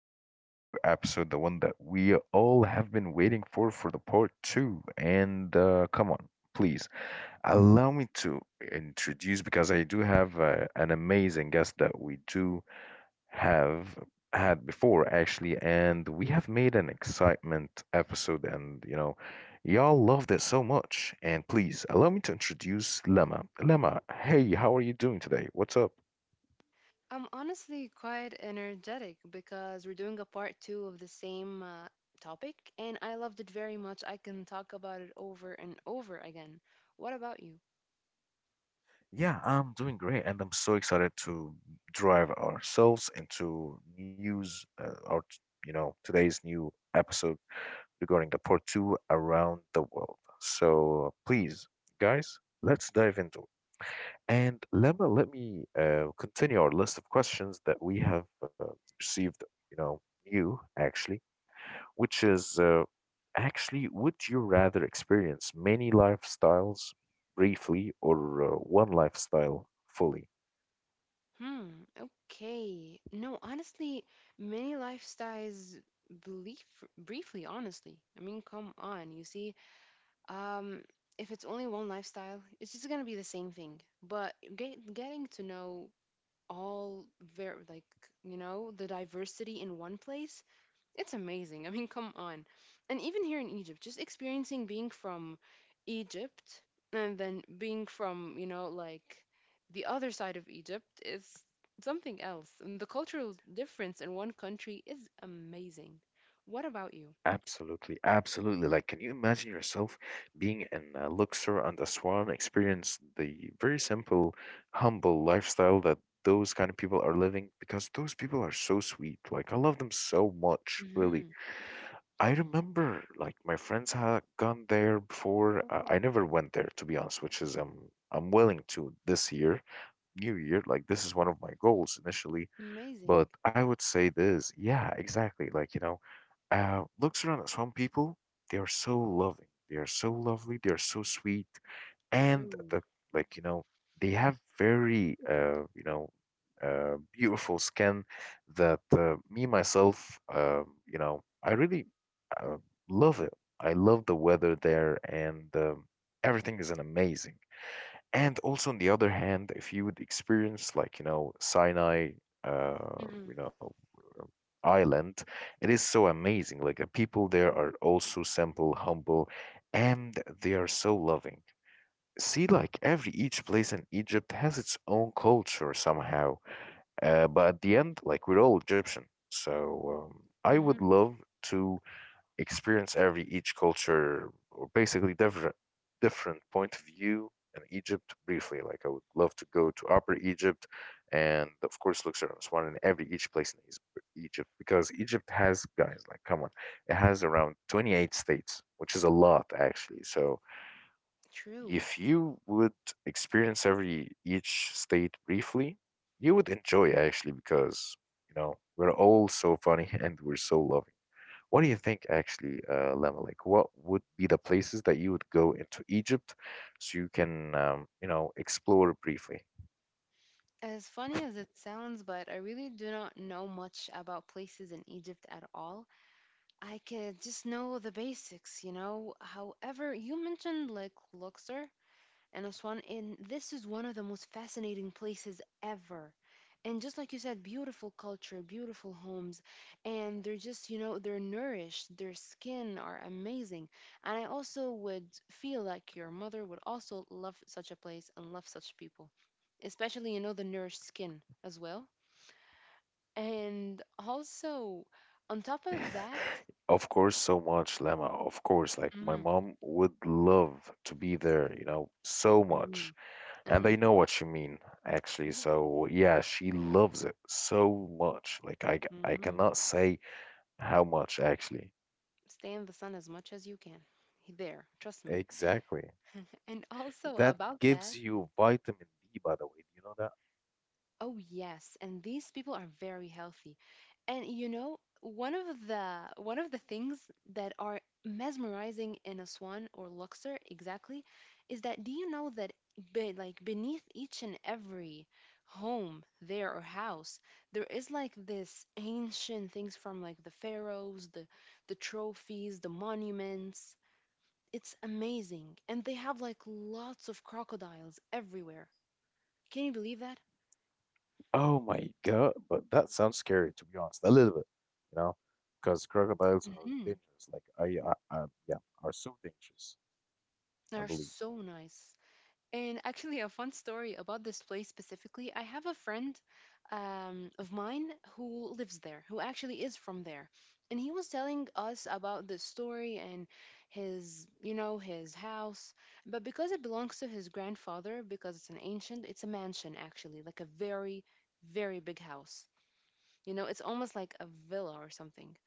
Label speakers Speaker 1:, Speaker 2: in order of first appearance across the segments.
Speaker 1: our today's new episode, the one that we all have been waiting for the part two. Please allow me to introduce because I do have an amazing guest that we do have had before, actually, and we have made an excitement episode, and y'all loved it so much. And please allow me to introduce Lema. Lema, hey, how are you doing today? What's up?
Speaker 2: I'm honestly quite energetic because we're doing a part two of the same topic, and I loved it very much. I can talk about it over and over again. What about you?
Speaker 1: Yeah, I'm doing great, and I'm so excited to drive ourselves into news or t- you know today's new episode regarding the part two around the world. So please, guys, let's dive into it. And let me continue our list of questions that we have received. You know, new actually, which is actually, Would you rather experience many lifestyles briefly or one lifestyle fully?
Speaker 2: Hmm, okay. No, honestly, many lifestyles belief briefly, honestly. I mean, come on, you see, um, if it's only one lifestyle, it's just gonna be the same thing. But getting to know all ver like the diversity in one place. It's amazing. I mean, come on. And even here in Egypt, just experiencing being from Egypt and then being from, like the other side of Egypt is something else. And the cultural difference in one country is amazing. What about you?
Speaker 1: Absolutely, absolutely. Like, can you imagine yourself being in Luxor and Aswan, experience the very simple, humble lifestyle that those kind of people are living? Because those people are so sweet. Like, I love them so much, really.
Speaker 2: Hmm.
Speaker 1: I remember, like, my friends had gone there before. I never went there, to be honest, which is I'm willing to this year, New Year. Like, this is one of my goals initially,
Speaker 2: Amazing.
Speaker 1: but I would say this, yeah, exactly. Like, looks around at some people, they are so loving, they are so lovely, they are so sweet, and
Speaker 2: True.
Speaker 1: the like, they have very, beautiful skin that me myself, I really uh, love it. I love the weather there, and everything is an amazing. And also, on the other hand, if you would experience like, Sinai, uh,
Speaker 2: Hmm.
Speaker 1: you know, island. It is so amazing. Like the people there are also simple, humble, and they are so loving. See, like every each place in Egypt has its own culture somehow. But at the end, like we're all Egyptian. So I would
Speaker 2: Hmm.
Speaker 1: love to experience every each culture or basically different point of view in Egypt briefly. Like I would love to go to Upper Egypt and of course Luxor and Aswan and every each place in Egypt, because Egypt has, guys, like come on, it has around 28 states, which is a lot actually. So
Speaker 2: True.
Speaker 1: if you would experience every each state briefly, you would enjoy actually because you know we're all so funny and we're so loving. What do you think, actually, Lemma? Like, what would be the places that you would go into Egypt so you can, explore briefly?
Speaker 2: As funny as it sounds, but I really do not know much about places in Egypt at all. I could just know the basics. However, you mentioned like Luxor and Aswan, and this is one of the most fascinating places ever. And just like you said, beautiful culture, beautiful homes, and they're just, they're nourished, their skin are amazing. And I also would feel like your mother would also love such a place and love such people, especially, the nourished skin as well. And also, on top of that,
Speaker 1: Of course, so much, Lemma. Of course, like my
Speaker 2: mhm.
Speaker 1: mom would love to be there, you know, so much.
Speaker 2: Mhm.
Speaker 1: And I
Speaker 2: And
Speaker 1: know what you mean, actually.
Speaker 2: yes.
Speaker 1: So yeah, she loves it so much. Like I
Speaker 2: Hmm.
Speaker 1: cannot say how much, actually.
Speaker 2: Stay in the sun as much as you can. There, trust me.
Speaker 1: Exactly.
Speaker 2: And also
Speaker 1: That
Speaker 2: about
Speaker 1: gives
Speaker 2: that,
Speaker 1: you vitamin D, by the way. Do you know that?
Speaker 2: oh yes, and these people are very healthy. And one of the things that are mesmerizing in a swan or Luxor exactly is that do you know that like beneath each and every home there or house there is like this ancient things from like the pharaohs, the trophies, the monuments. It's amazing. And they have like lots of crocodiles everywhere. Can you believe that?
Speaker 1: Oh my god, but that sounds scary to be honest, a little bit, you know, because crocodiles are
Speaker 2: Mm-hmm.
Speaker 1: dangerous. Like I yeah, are so dangerous. I
Speaker 2: They're
Speaker 1: believe.
Speaker 2: so nice. And actually, a fun story about this place specifically. I have a friend of mine who lives there, who actually is from there. And he was telling us about this story and his house. But because it belongs to his grandfather, because it's an ancient, it's a mansion actually, like a very, very big house. You know, it's almost like a villa or something.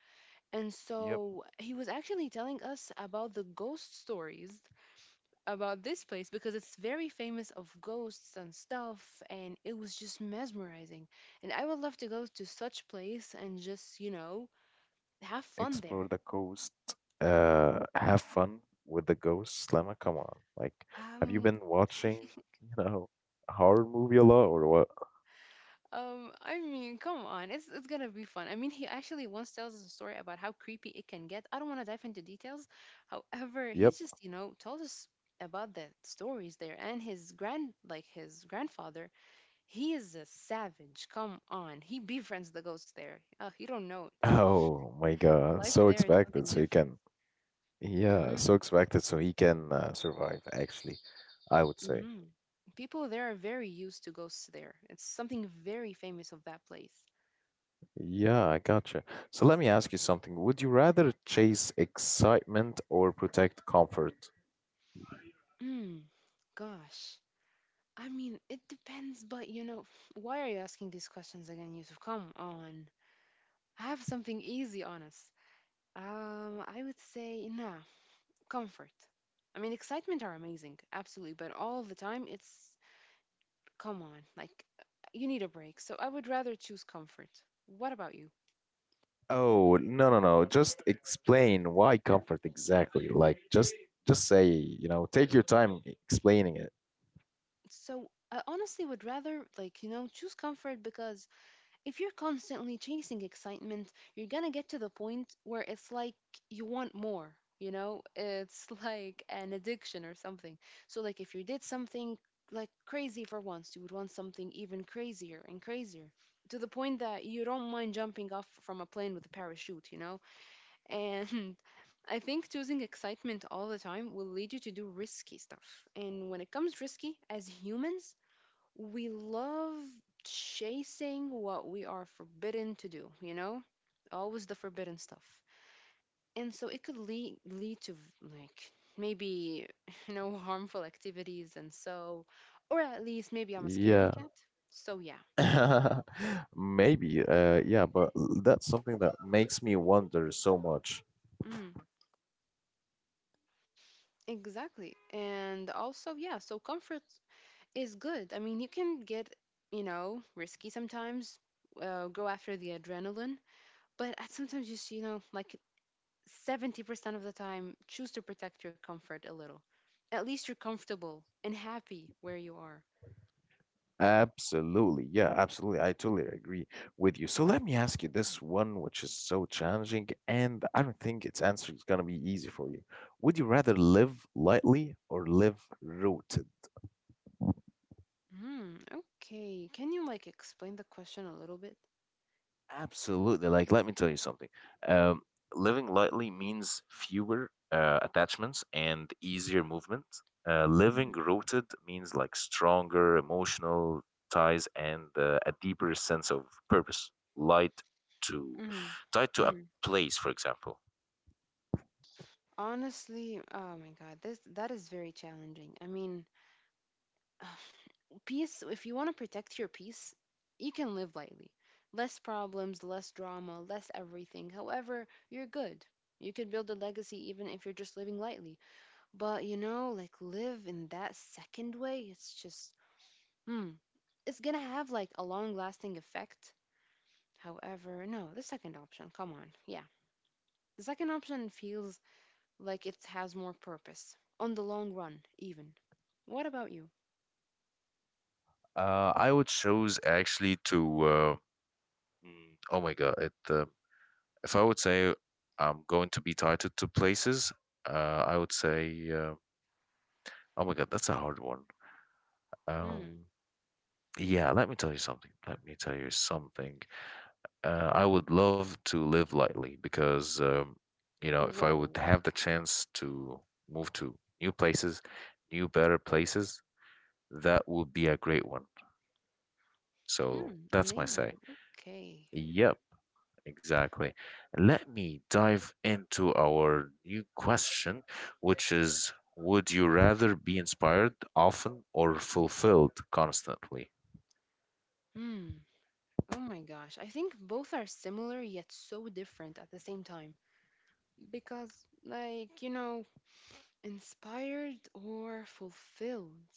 Speaker 2: And
Speaker 1: Yep.
Speaker 2: so he was actually telling us about the ghost stories about this place because it's very famous of ghosts and stuff and it was just mesmerizing. And I would love to go to such place and just, have fun
Speaker 1: Explore
Speaker 2: there.
Speaker 1: the coast. Have fun with the ghosts, Lama. Come on, like, have you
Speaker 2: Um
Speaker 1: been watching, you know, a horror movie a lot or what?
Speaker 2: I mean, come on, it's gonna be fun. I mean, he actually once tells us a story about how creepy it can get. I don't want to dive into details. However,
Speaker 1: Yep.
Speaker 2: he's just, told us about the stories there and his grandfather, he is a savage. Come on. He befriends the ghosts there. Oh, you don't know it.
Speaker 1: Oh my god,
Speaker 2: Life
Speaker 1: so
Speaker 2: there is
Speaker 1: expected,
Speaker 2: something
Speaker 1: so he
Speaker 2: different.
Speaker 1: can, yeah, so
Speaker 2: Mm-hmm.
Speaker 1: expected, so he can survive. Actually, I would say.
Speaker 2: Mm-hmm. People there are very used to ghosts there. It's something very famous of that place.
Speaker 1: Yeah, I gotcha. So let me ask you something. Would you rather chase excitement or protect comfort?
Speaker 2: Mm, gosh. I mean, it depends, but why are you asking these questions again, Yusuf? Come on. I have something easy on us. I would say, nah, comfort. I mean, excitement are amazing, absolutely, but all the time, it's, come on, like, you need a break. So I would rather choose comfort. What about you?
Speaker 1: Oh, no, no, no. Just explain why comfort exactly. Like just say, you know, take your time explaining it.
Speaker 2: So I honestly would rather, like, choose comfort because if you're constantly chasing excitement, you're gonna get to the point where it's like you want more, you know? It's like an addiction or something. So, like, if you did something like crazy for once, you would want something even crazier and crazier to the point that you don't mind jumping off from a plane with a parachute, you know? And I think choosing excitement all the time will lead you to do risky stuff. And when it comes risky, as humans, we love chasing what we are forbidden to do, you know? Always the forbidden stuff. And so it could lead to like maybe, harmful activities and so or at least maybe I'm a scaredy
Speaker 1: Yeah.
Speaker 2: cat. So yeah.
Speaker 1: Maybe, yeah, but that's something that makes me wonder so much.
Speaker 2: Mm, exactly. And also yeah, so comfort is good. I mean, you can get, risky sometimes. Go after the adrenaline, but at sometimes just like 70% of the time, choose to protect your comfort a little. At least you're comfortable and happy where you are.
Speaker 1: Absolutely, yeah, absolutely. I totally agree with you. So let me ask you this one, which is so challenging, and I don't think its answer is gonna be easy for you. Would you rather live lightly or live rooted?
Speaker 2: Hmm, okay. Can you like explain the question a little bit?
Speaker 1: Absolutely. Like, let me tell you something. Um, Living lightly means fewer attachments and easier movement. Living
Speaker 2: Mm,
Speaker 1: rooted means like stronger emotional ties and a deeper sense of purpose. Light to
Speaker 2: mm,
Speaker 1: tied to a
Speaker 2: mm.
Speaker 1: place, for example.
Speaker 2: Honestly, oh my God, this that is very challenging. I mean, peace, if you want to protect your peace, you can live lightly. Less problems, less drama, less everything. However, you're good. You could build a legacy even if you're just living lightly. But like live in that second way, it's just, hmm, it's gonna have like a long lasting effect. However, no, the second option, come on, yeah. The second option feels like it has more purpose on the long run, even. What about you?
Speaker 1: I would choose actually to. Oh my God! If I would say I'm going to be tied to two places, I would say. Oh my God, that's a hard one.
Speaker 2: Hmm.
Speaker 1: Um, yeah, let me tell you something. Let me tell you something. I would love to live lightly because, you know, if I
Speaker 2: Whoa.
Speaker 1: would have the chance to move to new places, new better places, that would be a great one. So
Speaker 2: Hmm.
Speaker 1: that's my say.
Speaker 2: Amazing. Okay.
Speaker 1: Yep. Exactly. Let me dive into our new question, which is: would you rather be inspired often or fulfilled constantly?
Speaker 2: hmm, oh my gosh. I think both are similar yet so different at the same time because, like, inspired or fulfilled.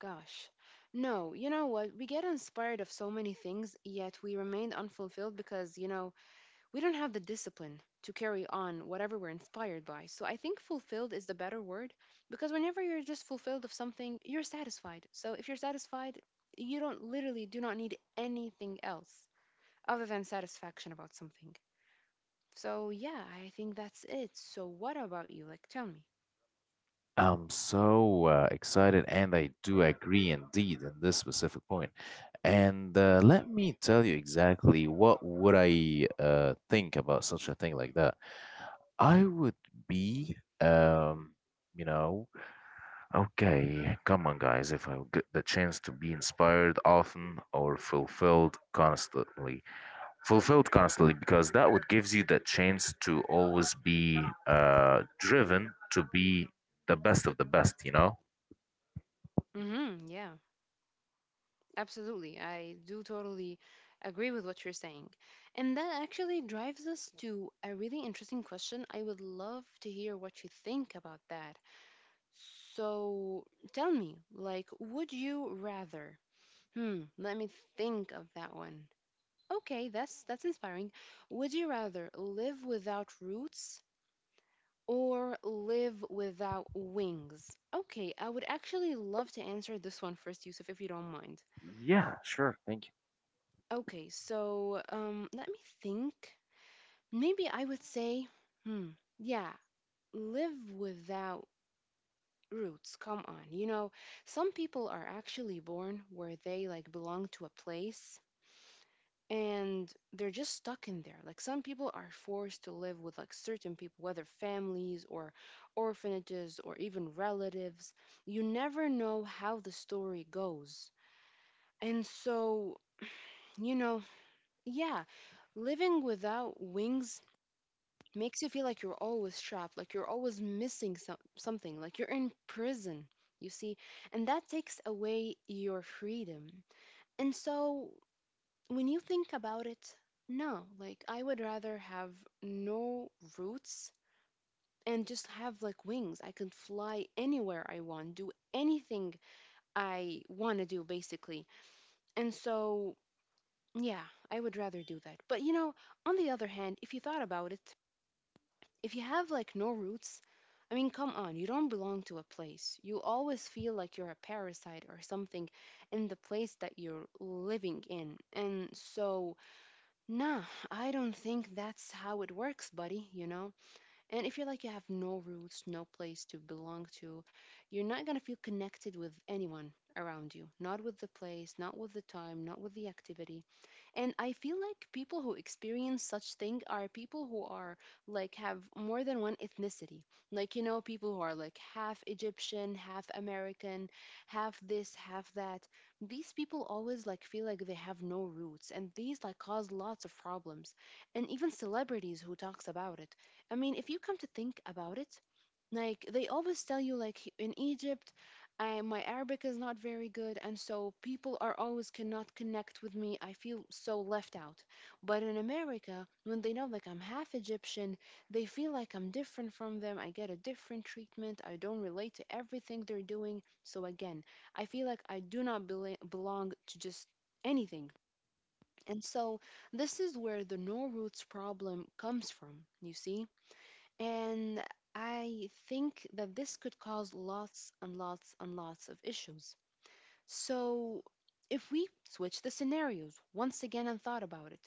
Speaker 2: Gosh. No, you know what? We get inspired of so many things, yet we remain unfulfilled because, we don't have the discipline to carry on whatever we're inspired by. So I think fulfilled is the better word because whenever you're just fulfilled of something, you're satisfied. So if you're satisfied, you don't literally do not need anything else other than satisfaction about something. So yeah, I think that's it. So what about you? Like, tell me.
Speaker 1: I'm so excited, and I do agree indeed in this specific point. And let me tell you exactly what would I think about such a thing like that. I would be, you know, okay, come on, guys. If I get the chance to be inspired often or fulfilled constantly because that would gives you that chance to always be driven to be the best of the best, you know.
Speaker 2: Mm-hmm. Yeah. Absolutely. I do totally agree with what you're saying. And that actually drives us to a really interesting question. I would love to hear what you think about that. So tell me, like, would you rather? Hmm, let me think of that one. Okay, that's inspiring. Would you rather live without roots or live without wings? Okay, I would actually love to answer this one first, Yusuf, if you don't mind.
Speaker 1: Yeah, sure, thank you.
Speaker 2: Okay, so let me think. Maybe I would say, hmm, yeah, live without roots. Come on. Some people are actually born where they like belong to a place and they're just stuck in there. Like some people are forced to live with like certain people, whether families or orphanages or even relatives. You never know how the story goes. And so, you know, yeah, living without wings makes you feel like you're always trapped, like you're always missing some, something, like you're in prison, you see? And that takes away your freedom. And so when you think about it, no, like I would rather have no roots and just have like wings. I can fly anywhere I want, do anything I want to do, basically. And so, yeah, I would rather do that. But on the other hand, if you thought about it, if you have like no roots, I mean, come on, you don't belong to a place. You always feel like you're a parasite or something in the place that you're living in. And so, nah, I don't think that's how it works, buddy, you know? And if you're like, you have no roots, no place to belong to, you're not gonna feel connected with anyone around you. Not with the place, not with the time, not with the activity. And I feel like people who experience such thing are people who are like have more than one ethnicity, like people who are like half Egyptian, half American, half this, half that. These people always like feel like they have no roots, and these like cause lots of problems. And even celebrities who talks about it, I mean if you come to think about it, like they always tell you like in Egypt, my Arabic is not very good and so people are always cannot connect with me. I feel so left out. But in America when they know like I'm half Egyptian, they feel like I'm different from them. I get a different treatment. I don't relate to everything they're doing. So again, I feel like I do not belong to just anything. And so this is where the no roots problem comes from, you see. And I think that this could cause lots and lots and lots of issues. So, if we switch the scenarios once again and thought about it,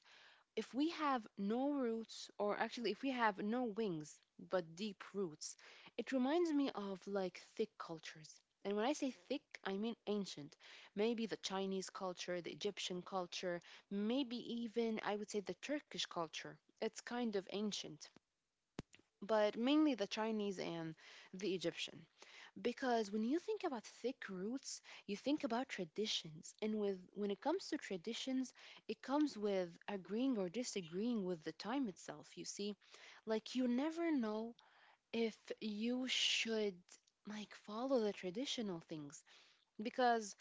Speaker 2: if we have no roots, or actually, if we have no wings but deep roots, it reminds me of like thick cultures. And when I say thick, I mean ancient. Maybe the Chinese culture, the Egyptian culture, maybe even I would say the Turkish culture. It's kind of ancient but mainly the Chinese and the Egyptian. Because when you think about thick roots, you think about traditions. And with when it comes to traditions, it comes with agreeing or disagreeing with the time itself, you see? Like you never know if you should like follow the traditional things because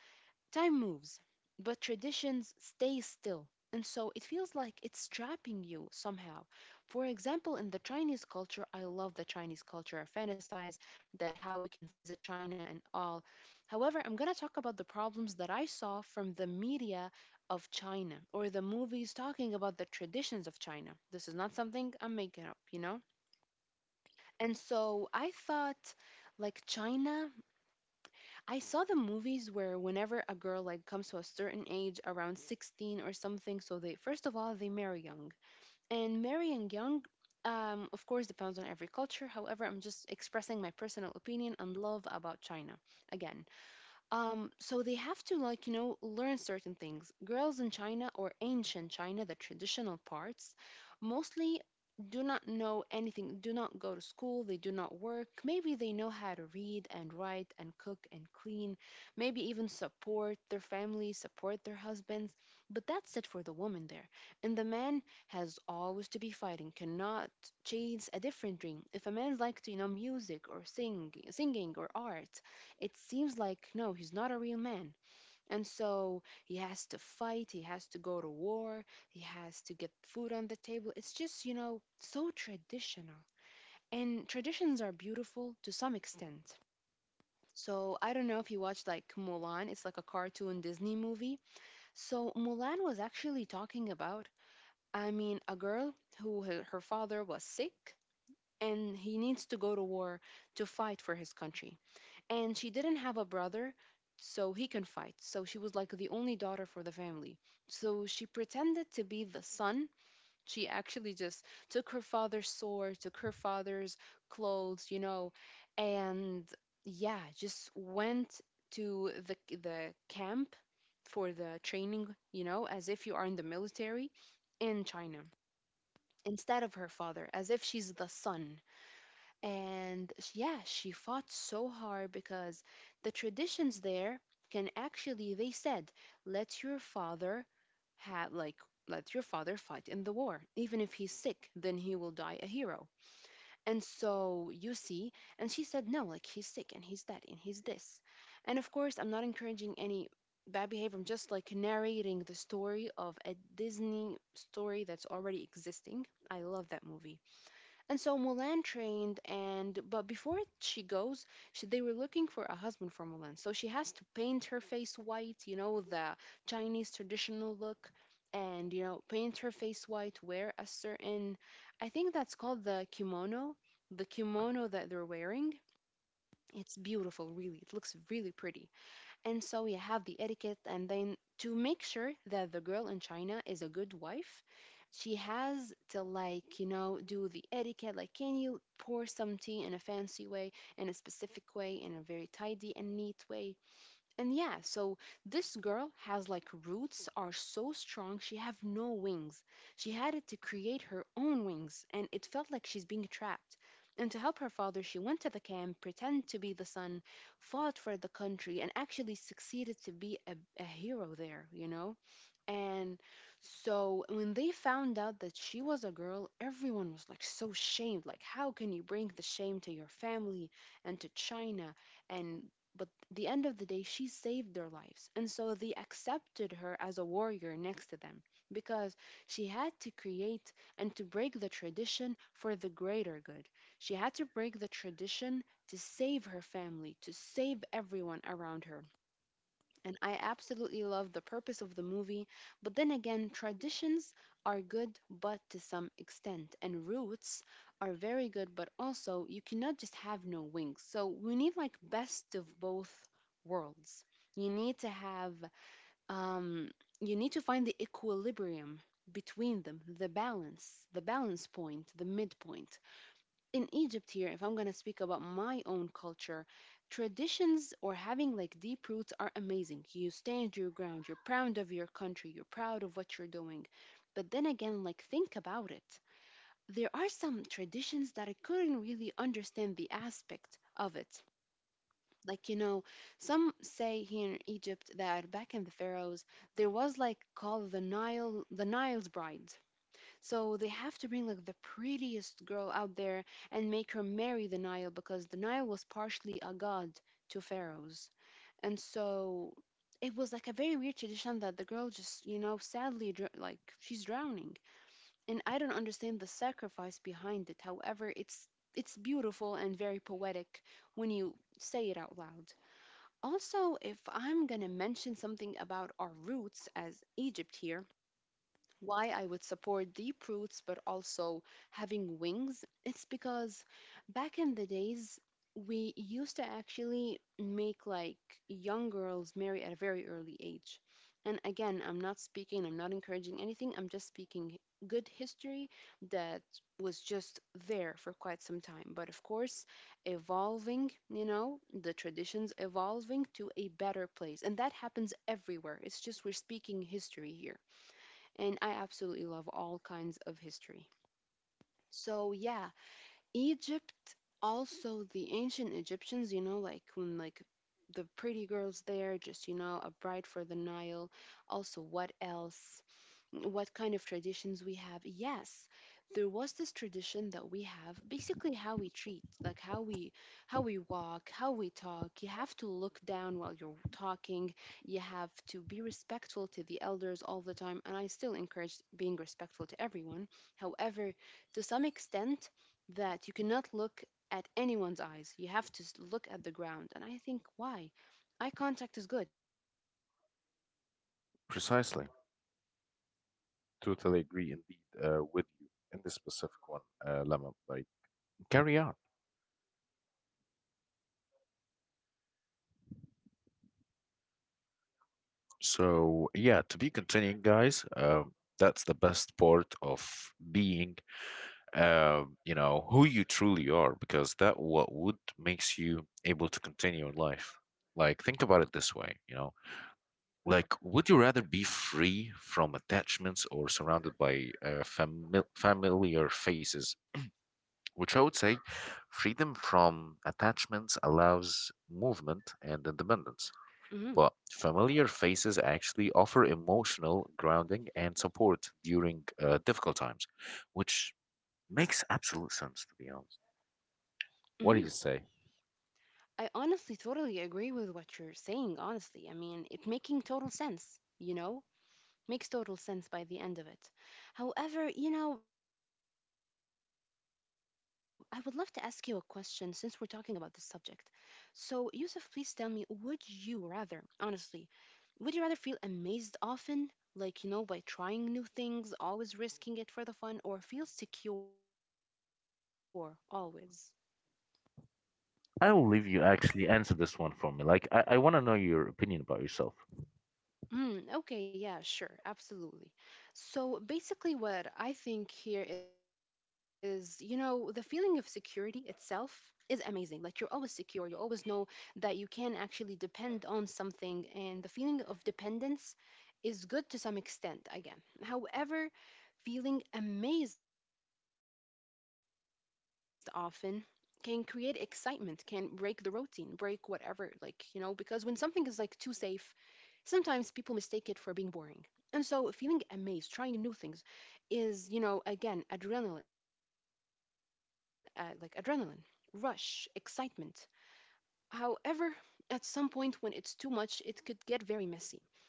Speaker 2: time moves, but traditions stay still. And so it feels like it's trapping you somehow. For example, in the Chinese culture, I love the Chinese culture. I fantasize that how we can visit China and all. However, I'm going to talk about the problems that I saw from the media of China or the movies talking about the traditions of China. This is not something I'm making up, you know? And so I thought like China, I saw the movies where whenever a girl like comes to a certain age around 16 or something, so they first of all they marry young. And marrying young, of course depends on every culture, however I'm just expressing my personal opinion and love about China again. So they have to like you know learn certain things. Girls in China or ancient China, the traditional parts, mostly do not know anything. Do not go to school. They do not work. Maybe they know how to read and write and cook and clean. Maybe even support their family, support their husbands. But that's it for the woman there. And the man has always to be fighting. Cannot chase a different dream. If a man's like to you know music or sing, singing or art, it seems like no he's not a real man, and so he has to fight, he has to go to war, he has to get food on the table. It's just you know so traditional. And traditions are beautiful to some extent. So I don't know if you watched like Mulan. It's like a cartoon Disney movie. So Mulan was actually talking about, I mean, a girl who her father was sick and he needs to go to war to fight for his country. And she didn't have a brother so he can fight, so she was like the only daughter for the family. So she pretended to be the son. She actually just took her father's sword, took her father's clothes, you know, and yeah, just went to the camp for the training, you know, as if you are in the military in China, instead of her father, as if she's the son. And yeah, she fought so hard because the traditions there can actually, they said, let your father have, like, let your father fight in the war. Even if he's sick, then he will die a hero. And so you see, and she said, no, like, he's sick and he's that and he's this. And of course, I'm not encouraging any bad behavior. I'm just like narrating the story of a Disney story that's already existing. I love that movie. And so Mulan trained, and but before she goes, she, they were looking for a husband for Mulan. So she has to paint her face white, you know, the Chinese traditional look, and you know, paint her face white, wear a certain, I think that's called the kimono that they're wearing. It's beautiful, really. It looks really pretty. And so you have the etiquette, and then to make sure that the girl in China is a good wife, she has to like you know do the etiquette. Like, can you pour some tea in a fancy way, in a specific way, in a very tidy and neat way? And yeah, so this girl has like roots are so strong, she have no wings. She had it to create her own wings and it felt like she's being trapped. And to help her father she went to the camp, pretend to be the son, fought for the country and actually succeeded to be a hero there, you know. And so when they found out that she was a girl, everyone was like so shamed. Like, how can you bring the shame to your family and to China? And but the end of the day, she saved their lives. And so they accepted her as a warrior next to them because she had to create and to break the tradition for the greater good. She had to break the tradition to save her family, to save everyone around her, and I absolutely love the purpose of the movie. But then again, traditions are good, but to some extent, and roots are very good, but also you cannot just have no wings. So we need like best of both worlds. You need to have, um, you need to find the equilibrium between them, the balance point, the midpoint. In Egypt here, if I'm gonna speak about my own culture, traditions or having like deep roots are amazing. You stand your ground, you're proud of your country, you're proud of what you're doing. But then again, like think about it. There are some traditions that I couldn't really understand the aspect of it. Like, you know, some say here in Egypt that back in the pharaohs, there was like called the Nile, the Nile's bride. So they have to bring like the prettiest girl out there and make her marry the Nile because the Nile was partially a god to pharaohs. And so it was like a very weird tradition that the girl just, you know, sadly, like she's drowning. And I don't understand the sacrifice behind it. However, it's beautiful and very poetic when you say it out loud. Also, if I'm gonna mention something about our roots as Egypt here, why I would support deep roots but also having wings, it's because back in the days, we used to actually make like young girls marry at a very early age. And again, I'm not speaking, I'm not encouraging anything, I'm just speaking good history that was just there for quite some time. But of course, evolving, you know, the traditions evolving to a better place. And that happens everywhere. It's just we're speaking history here, and I absolutely love all kinds of history. So yeah, Egypt, also the ancient Egyptians, you know, like when like the pretty girls there just, you know, a bride for the Nile. Also, what else? What kind of traditions we have. Yes, there was this tradition that we have, basically how we treat, like how we walk, how we talk. You have to look down while you're talking. You have to be respectful to the elders all the time, and I still encourage being respectful to everyone. However, to some extent that you cannot look at anyone's eyes. You have to look at the ground. And I think why? Eye contact is good. Eye contact shows your strong personality,
Speaker 1: Precisely.
Speaker 2: your connectivity, you're
Speaker 1: Totally
Speaker 2: basically
Speaker 1: agree indeed
Speaker 2: respecting the other
Speaker 1: with you
Speaker 2: person
Speaker 1: in this
Speaker 2: because you're
Speaker 1: specific
Speaker 2: looking
Speaker 1: one,
Speaker 2: at them
Speaker 1: Lama.
Speaker 2: while
Speaker 1: Like,
Speaker 2: talking.
Speaker 1: carry on.
Speaker 2: And basically, this is it. Oh my God.
Speaker 1: So,
Speaker 2: Beautiful
Speaker 1: yeah, to be
Speaker 2: cultures
Speaker 1: continuing, guys,
Speaker 2: everywhere.
Speaker 1: that's the best
Speaker 2: And
Speaker 1: part
Speaker 2: I
Speaker 1: of being,
Speaker 2: think that this
Speaker 1: you
Speaker 2: is
Speaker 1: know, who
Speaker 2: one
Speaker 1: you
Speaker 2: heck
Speaker 1: truly
Speaker 2: of a
Speaker 1: are,
Speaker 2: thing.
Speaker 1: because that
Speaker 2: I
Speaker 1: what
Speaker 2: would
Speaker 1: would
Speaker 2: love
Speaker 1: makes you able
Speaker 2: for
Speaker 1: to continue in
Speaker 2: everyone.
Speaker 1: life. Like, think about it this way,
Speaker 2: Exactly.
Speaker 1: you know, like, would you rather be free from attachments or surrounded by familiar faces? Which I would say freedom from attachments allows movement and
Speaker 2: Mm-hmm.
Speaker 1: independence. But familiar faces actually offer emotional grounding and support during difficult times, which makes absolute sense, to be honest.
Speaker 2: Mm-hmm.
Speaker 1: What do you say?
Speaker 2: I honestly totally agree with what you're saying, honestly. I mean, it making total sense, you know? Makes total sense by the end of it. However, you know, I would love to ask you a question since we're talking about the subject. So, Yusuf, please tell me, would you rather, honestly, would you rather feel amazed often, like, you know, by trying new things, always risking it for the fun, or feel secure always?
Speaker 1: I will leave you actually answer this one for me. Like, I want to know your opinion about yourself.
Speaker 2: Mm, okay, yeah, sure, absolutely. So basically, what I think here is, you know, the feeling of security itself is amazing. Like you're always secure, you always know that you can actually depend on something, and the feeling of dependence is good to some extent, again. However, feeling amazed often can create excitement, can break the routine, break whatever, like, you know, because when something is like too safe, sometimes people mistake it for being boring. And so feeling amazed, trying new things is, you know, again, adrenaline, like adrenaline, rush, excitement. However, at some point when it's too much, it could get very messy and very,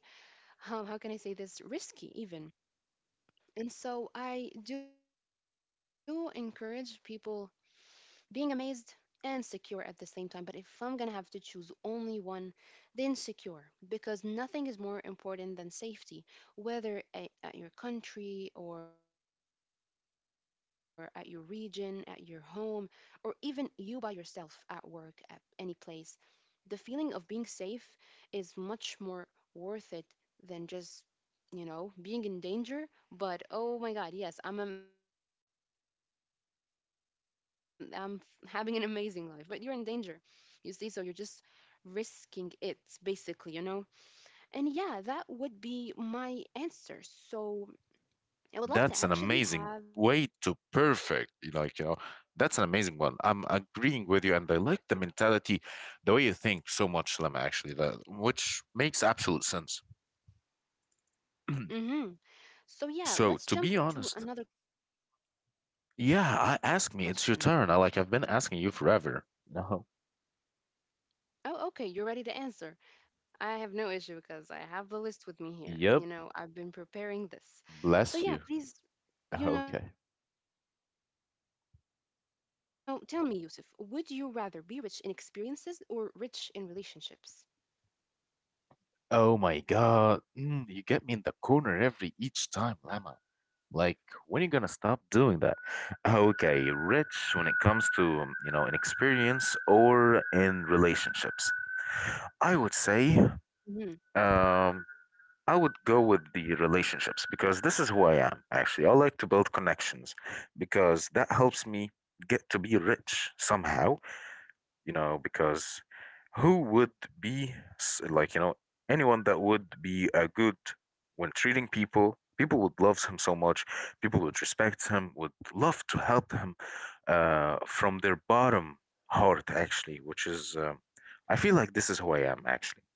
Speaker 2: how can I say this, risky even. And so I do encourage people being amazed and secure at the same time. But if I'm gonna have to choose only one, then secure, because nothing is more important than safety, whether at your country or at your region, at your home, or even you by yourself at work, at any place. The feeling of being safe is much more worth it than just, you know, being in danger. But oh my God, yes, I'm having an amazing life, but you're in danger. You see, so you're just risking it basically, you know? And yeah, that would be my answer. So I would love to actually
Speaker 1: That's an
Speaker 2: have.
Speaker 1: amazing way to perfect, like, you know, that's an amazing one. I'm agreeing with you, and I like the mentality, the way you think so much, Lem, actually, that which makes absolute sense.
Speaker 2: Hmm. So yeah,
Speaker 1: So,
Speaker 2: let's
Speaker 1: to
Speaker 2: jump
Speaker 1: be
Speaker 2: to
Speaker 1: honest,
Speaker 2: another question.
Speaker 1: yeah, I, ask me, it's your turn. I like, I've been asking you forever. No.
Speaker 2: Oh, okay, you're ready to answer. I have no issue because I have the list with me here.
Speaker 1: Yep.
Speaker 2: You know, I've been preparing this.
Speaker 1: Bless
Speaker 2: So,
Speaker 1: you.
Speaker 2: yeah, please, you know,
Speaker 1: Okay.
Speaker 2: tell me, Yusuf, would you rather be rich in experiences or rich in relationships?
Speaker 1: Oh my god. You get me in the corner every each time, Lama. Like, when are you gonna stop doing that? Okay, Rich, when it comes to, in experience or in relationships, I would
Speaker 2: Mm-hmm.
Speaker 1: say, um, I would go with the relationships because this is who I am, actually. I like to build connections because that helps me get to be rich somehow, you know, because who would be like, you know, anyone that would be a good when treating people, people would love him so much, people would respect him, would love to help him from their bottom heart, actually, which is, um, I feel like this is who I am, actually.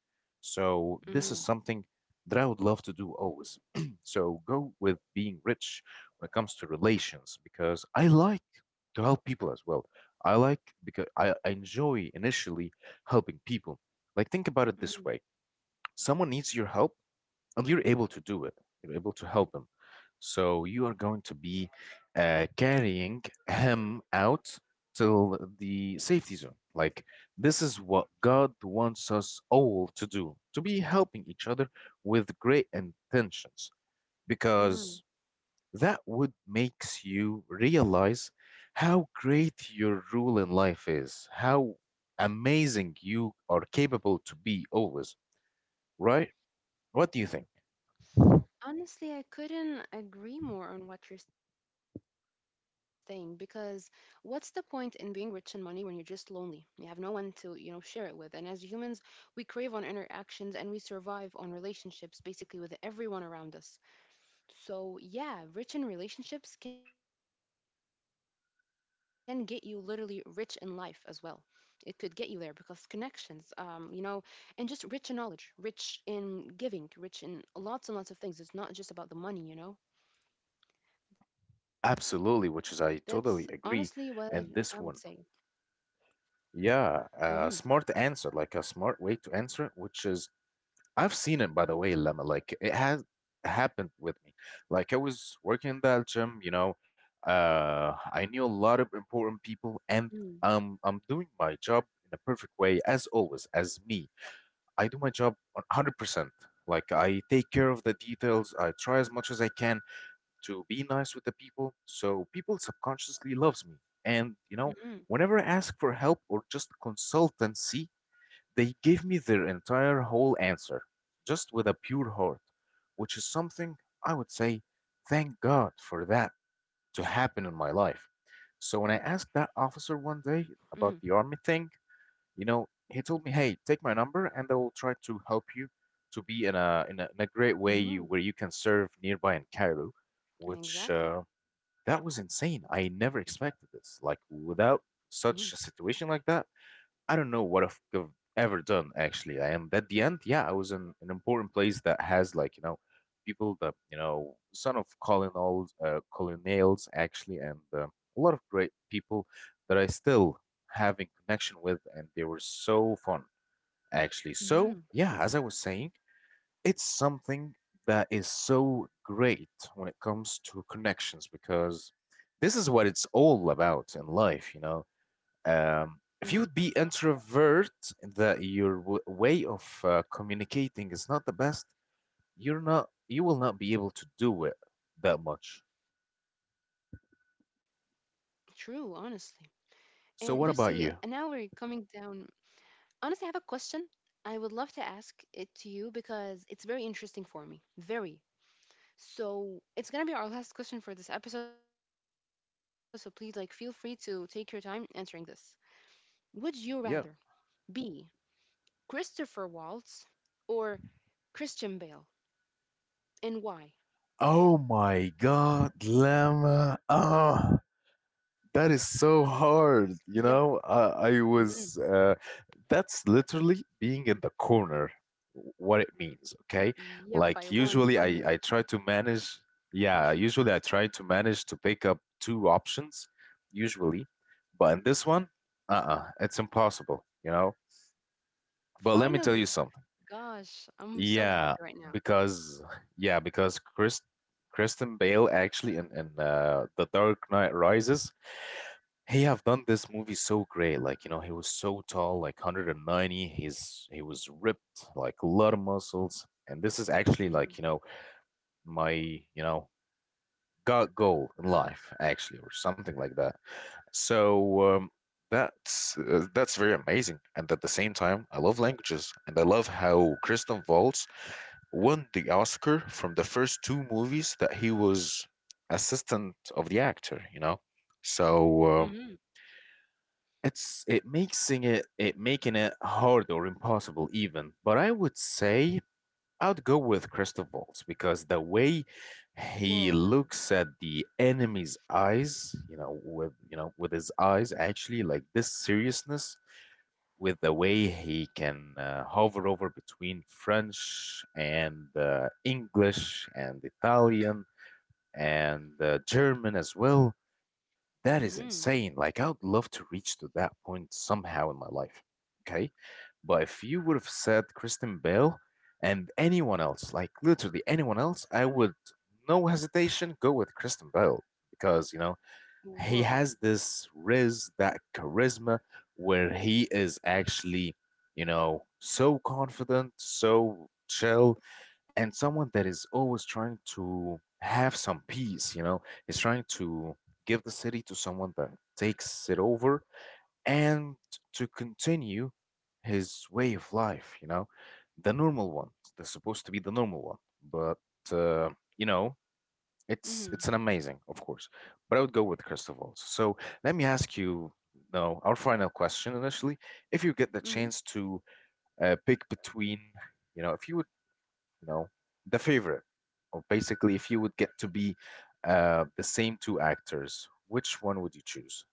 Speaker 1: So
Speaker 2: Mm-hmm.
Speaker 1: this is something that I would love to do always. So go with being rich when it comes to relations because I like to help people as well. I like because I enjoy initially helping people. Like think about it this way. Someone needs your help and you're able to do it. You're able to help him. So you are going to be carrying him out till the safety zone. Like this is what God wants us all to do, to be helping each other with great intentions because
Speaker 2: Mm-hmm.
Speaker 1: that would makes you realize how great your role in life is, how amazing you are capable to be always, right? What do you think?
Speaker 2: Honestly, I couldn't agree more on what you're saying because what's the point in being rich in money when you're just lonely? You have no one to, you know, share it with. And as humans, we crave on interactions and we survive on relationships basically with everyone around us. So, yeah, rich in relationships can get you literally rich in life as well. It could get you there because connections, you know, and just rich in knowledge, rich in giving, rich in lots and lots of things. It's not just about the money, you know? That's honestly what
Speaker 1: Absolutely, which is
Speaker 2: I
Speaker 1: I
Speaker 2: would say.
Speaker 1: totally agree. And this one,
Speaker 2: Mm-hmm.
Speaker 1: yeah, a smart answer, like a smart way to answer it, which is I've seen it by the way, Lemma. Like it has happened with me. Like I was working in that gym, you know, I
Speaker 2: Mm.
Speaker 1: knew a lot of important people, and I'm doing my job in a perfect way as always, as me. I do my job on 100%. Like I take care of the details. I try as much as I can, to be nice with the people, so people
Speaker 2: Mm-hmm.
Speaker 1: subconsciously loves me. And you know, whenever I ask for help or just consultancy, they give me their entire whole answer, just with a pure heart, which is something I would say, thank God for that to happen in my life. So when I
Speaker 2: Mm-hmm.
Speaker 1: asked that officer one day about the army thing, he told me, "Hey, take my number, and I will try to help you to be in a great way
Speaker 2: Mm-hmm.
Speaker 1: where you can serve nearby in Cairo." Which
Speaker 2: Exactly.
Speaker 1: That was insane. I never expected
Speaker 2: Mm-hmm.
Speaker 1: this. Like without such a situation like that, I don't know what I've ever done actually. I am at the end, yeah, I was in an important place that has like, people that, son of colonels, colonials actually, and a lot of great people that I still have in connection with, and they were so fun actually. So,
Speaker 2: Mm-hmm.
Speaker 1: yeah, as I was saying, it's something that is so great when it comes to connections because this is what it's all about in life. Um,
Speaker 2: Mm-hmm.
Speaker 1: if you would be introvert, that your way of communicating is not the best, you're not, you will not be able to do it that much.
Speaker 2: True, honestly. And you see,
Speaker 1: So,
Speaker 2: now
Speaker 1: what
Speaker 2: we're
Speaker 1: about you?
Speaker 2: coming down. Honestly, I have a question I would love to ask it to you because it's very interesting for me. Very. So, it's going to be our last question for this episode, so please like feel free to take your time answering this. Would you rather
Speaker 1: Yeah.
Speaker 2: be Christopher Waltz or Christian Bale, and why?
Speaker 1: Oh my God, Lemma. Ah, that is
Speaker 2: Yep.
Speaker 1: so hard. You know,
Speaker 2: Mm.
Speaker 1: I, I was that's literally being in the corner, what it means, okay?
Speaker 2: Yep,
Speaker 1: Like
Speaker 2: I won
Speaker 1: usually I
Speaker 2: finally.
Speaker 1: try to manage, yeah, usually I try to manage to pick up two options, usually. But in this one, uh-uh, it's impossible, you know? But let me tell you
Speaker 2: Finally.
Speaker 1: something.
Speaker 2: Gosh, I'm so
Speaker 1: Yeah,
Speaker 2: happy right now.
Speaker 1: because yeah, because Chris Kristen Bale actually in The Dark Knight Rises, he have done this movie so great. Like, you know, he was so tall, like 190. He was ripped, like a lot of muscles. And this is actually
Speaker 2: Mhm.
Speaker 1: like, you know, my, you know, God goal in life, actually, or something like that. So um, that's that's very amazing. And at the same time, I love languages, and I love how Kristen Waltz won the Oscar from the first two movies that he was assistant of the actor. So. Um,
Speaker 2: Mhm.
Speaker 1: It's it making it hard or impossible even. But I would say I'd go with Christophals because the way he
Speaker 2: Whoa.
Speaker 1: looks at the enemy's eyes, you know, with his eyes actually like this seriousness, with the way he can hover over between French and English and Italian and German as well, that is insane.
Speaker 2: Mhm.
Speaker 1: Like, I would love to reach to that point somehow in my life. Okay. But if you would have said Kristen Bell and anyone else, like literally anyone else, I would, no hesitation, go with Kristen Bell because, you know, he
Speaker 2: Whoa.
Speaker 1: has this riz, that charisma, where he is actually, you know, so confident, so chill, and someone that is always trying to have some peace, you know, is trying to give the city to someone that takes it over and to continue his way of life, you know, the normal one, that's supposed to be the normal one, but uh, you know,
Speaker 2: Mhm.
Speaker 1: it's an amazing, of course, but I would go with Christophals. So let me ask you, no, our final question initially. If you get the
Speaker 2: Mhm.
Speaker 1: chance to pick between, you know, if you would, you know, the favorite, or basically if you would get to be the same two actors, which one would you choose?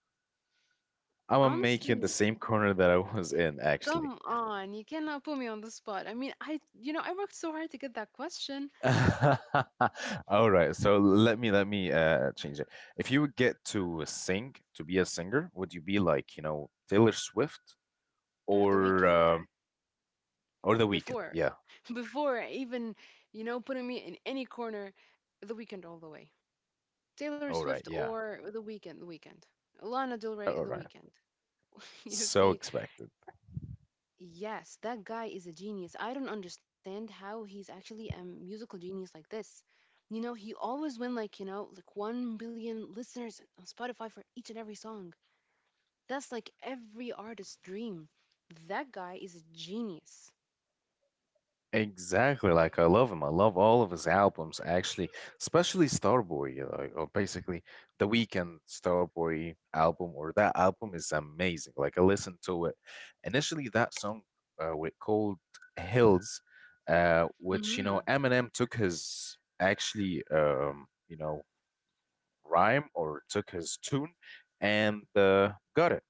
Speaker 1: I'm gonna make you in the
Speaker 2: Honestly,
Speaker 1: same corner that I was in, actually.
Speaker 2: come on. You cannot put me on the spot. I mean, I, you know, I worked so hard to get that question,
Speaker 1: All right, so let me change it. If you would get to sing, to be a singer, would you be like, you know, Taylor Swift
Speaker 2: the
Speaker 1: or
Speaker 2: weekend
Speaker 1: um or The Weeknd?
Speaker 2: before,
Speaker 1: Yeah.
Speaker 2: before even, you know, putting me in any corner, the weekend all the way. Taylor
Speaker 1: All right,
Speaker 2: Swift
Speaker 1: yeah.
Speaker 2: or the weekend, the weekend. Lana Del Rey,
Speaker 1: All
Speaker 2: the
Speaker 1: right.
Speaker 2: weekend. You
Speaker 1: So
Speaker 2: see,
Speaker 1: expected.
Speaker 2: yes, that guy is a genius. I don't understand how he's actually a musical genius like this. You know, he always win like, you know, like 1 billion listeners on Spotify for each and every song. That's like every artist's dream. That guy is a genius.
Speaker 1: Exactly, like I love him. I love all of his albums, actually, especially Starboy, like, or basically the Weekend Starboy album, or that album is amazing. Like I listened to it initially, that song with called Hills, which you
Speaker 2: Mm-hmm.
Speaker 1: know Eminem took his actually you know rhyme, or took his tune and got it.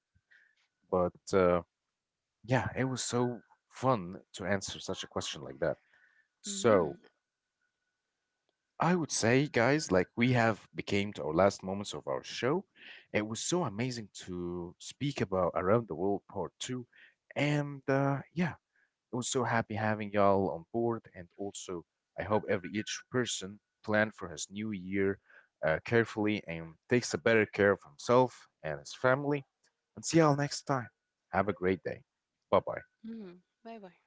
Speaker 1: But Yeah, it was so fun to answer such a question like that. So,
Speaker 2: Mm-hmm.
Speaker 1: I would say, guys, like we have became to our last moments of our show. It was so amazing to speak about Around the World Part Two, and yeah, I was so happy having y'all on board. And also, I hope every each person plan for his new year carefully and takes a better care of himself and his family. And see y'all next time. Have a great day. Bye bye.
Speaker 2: Mm-hmm. Bye bye.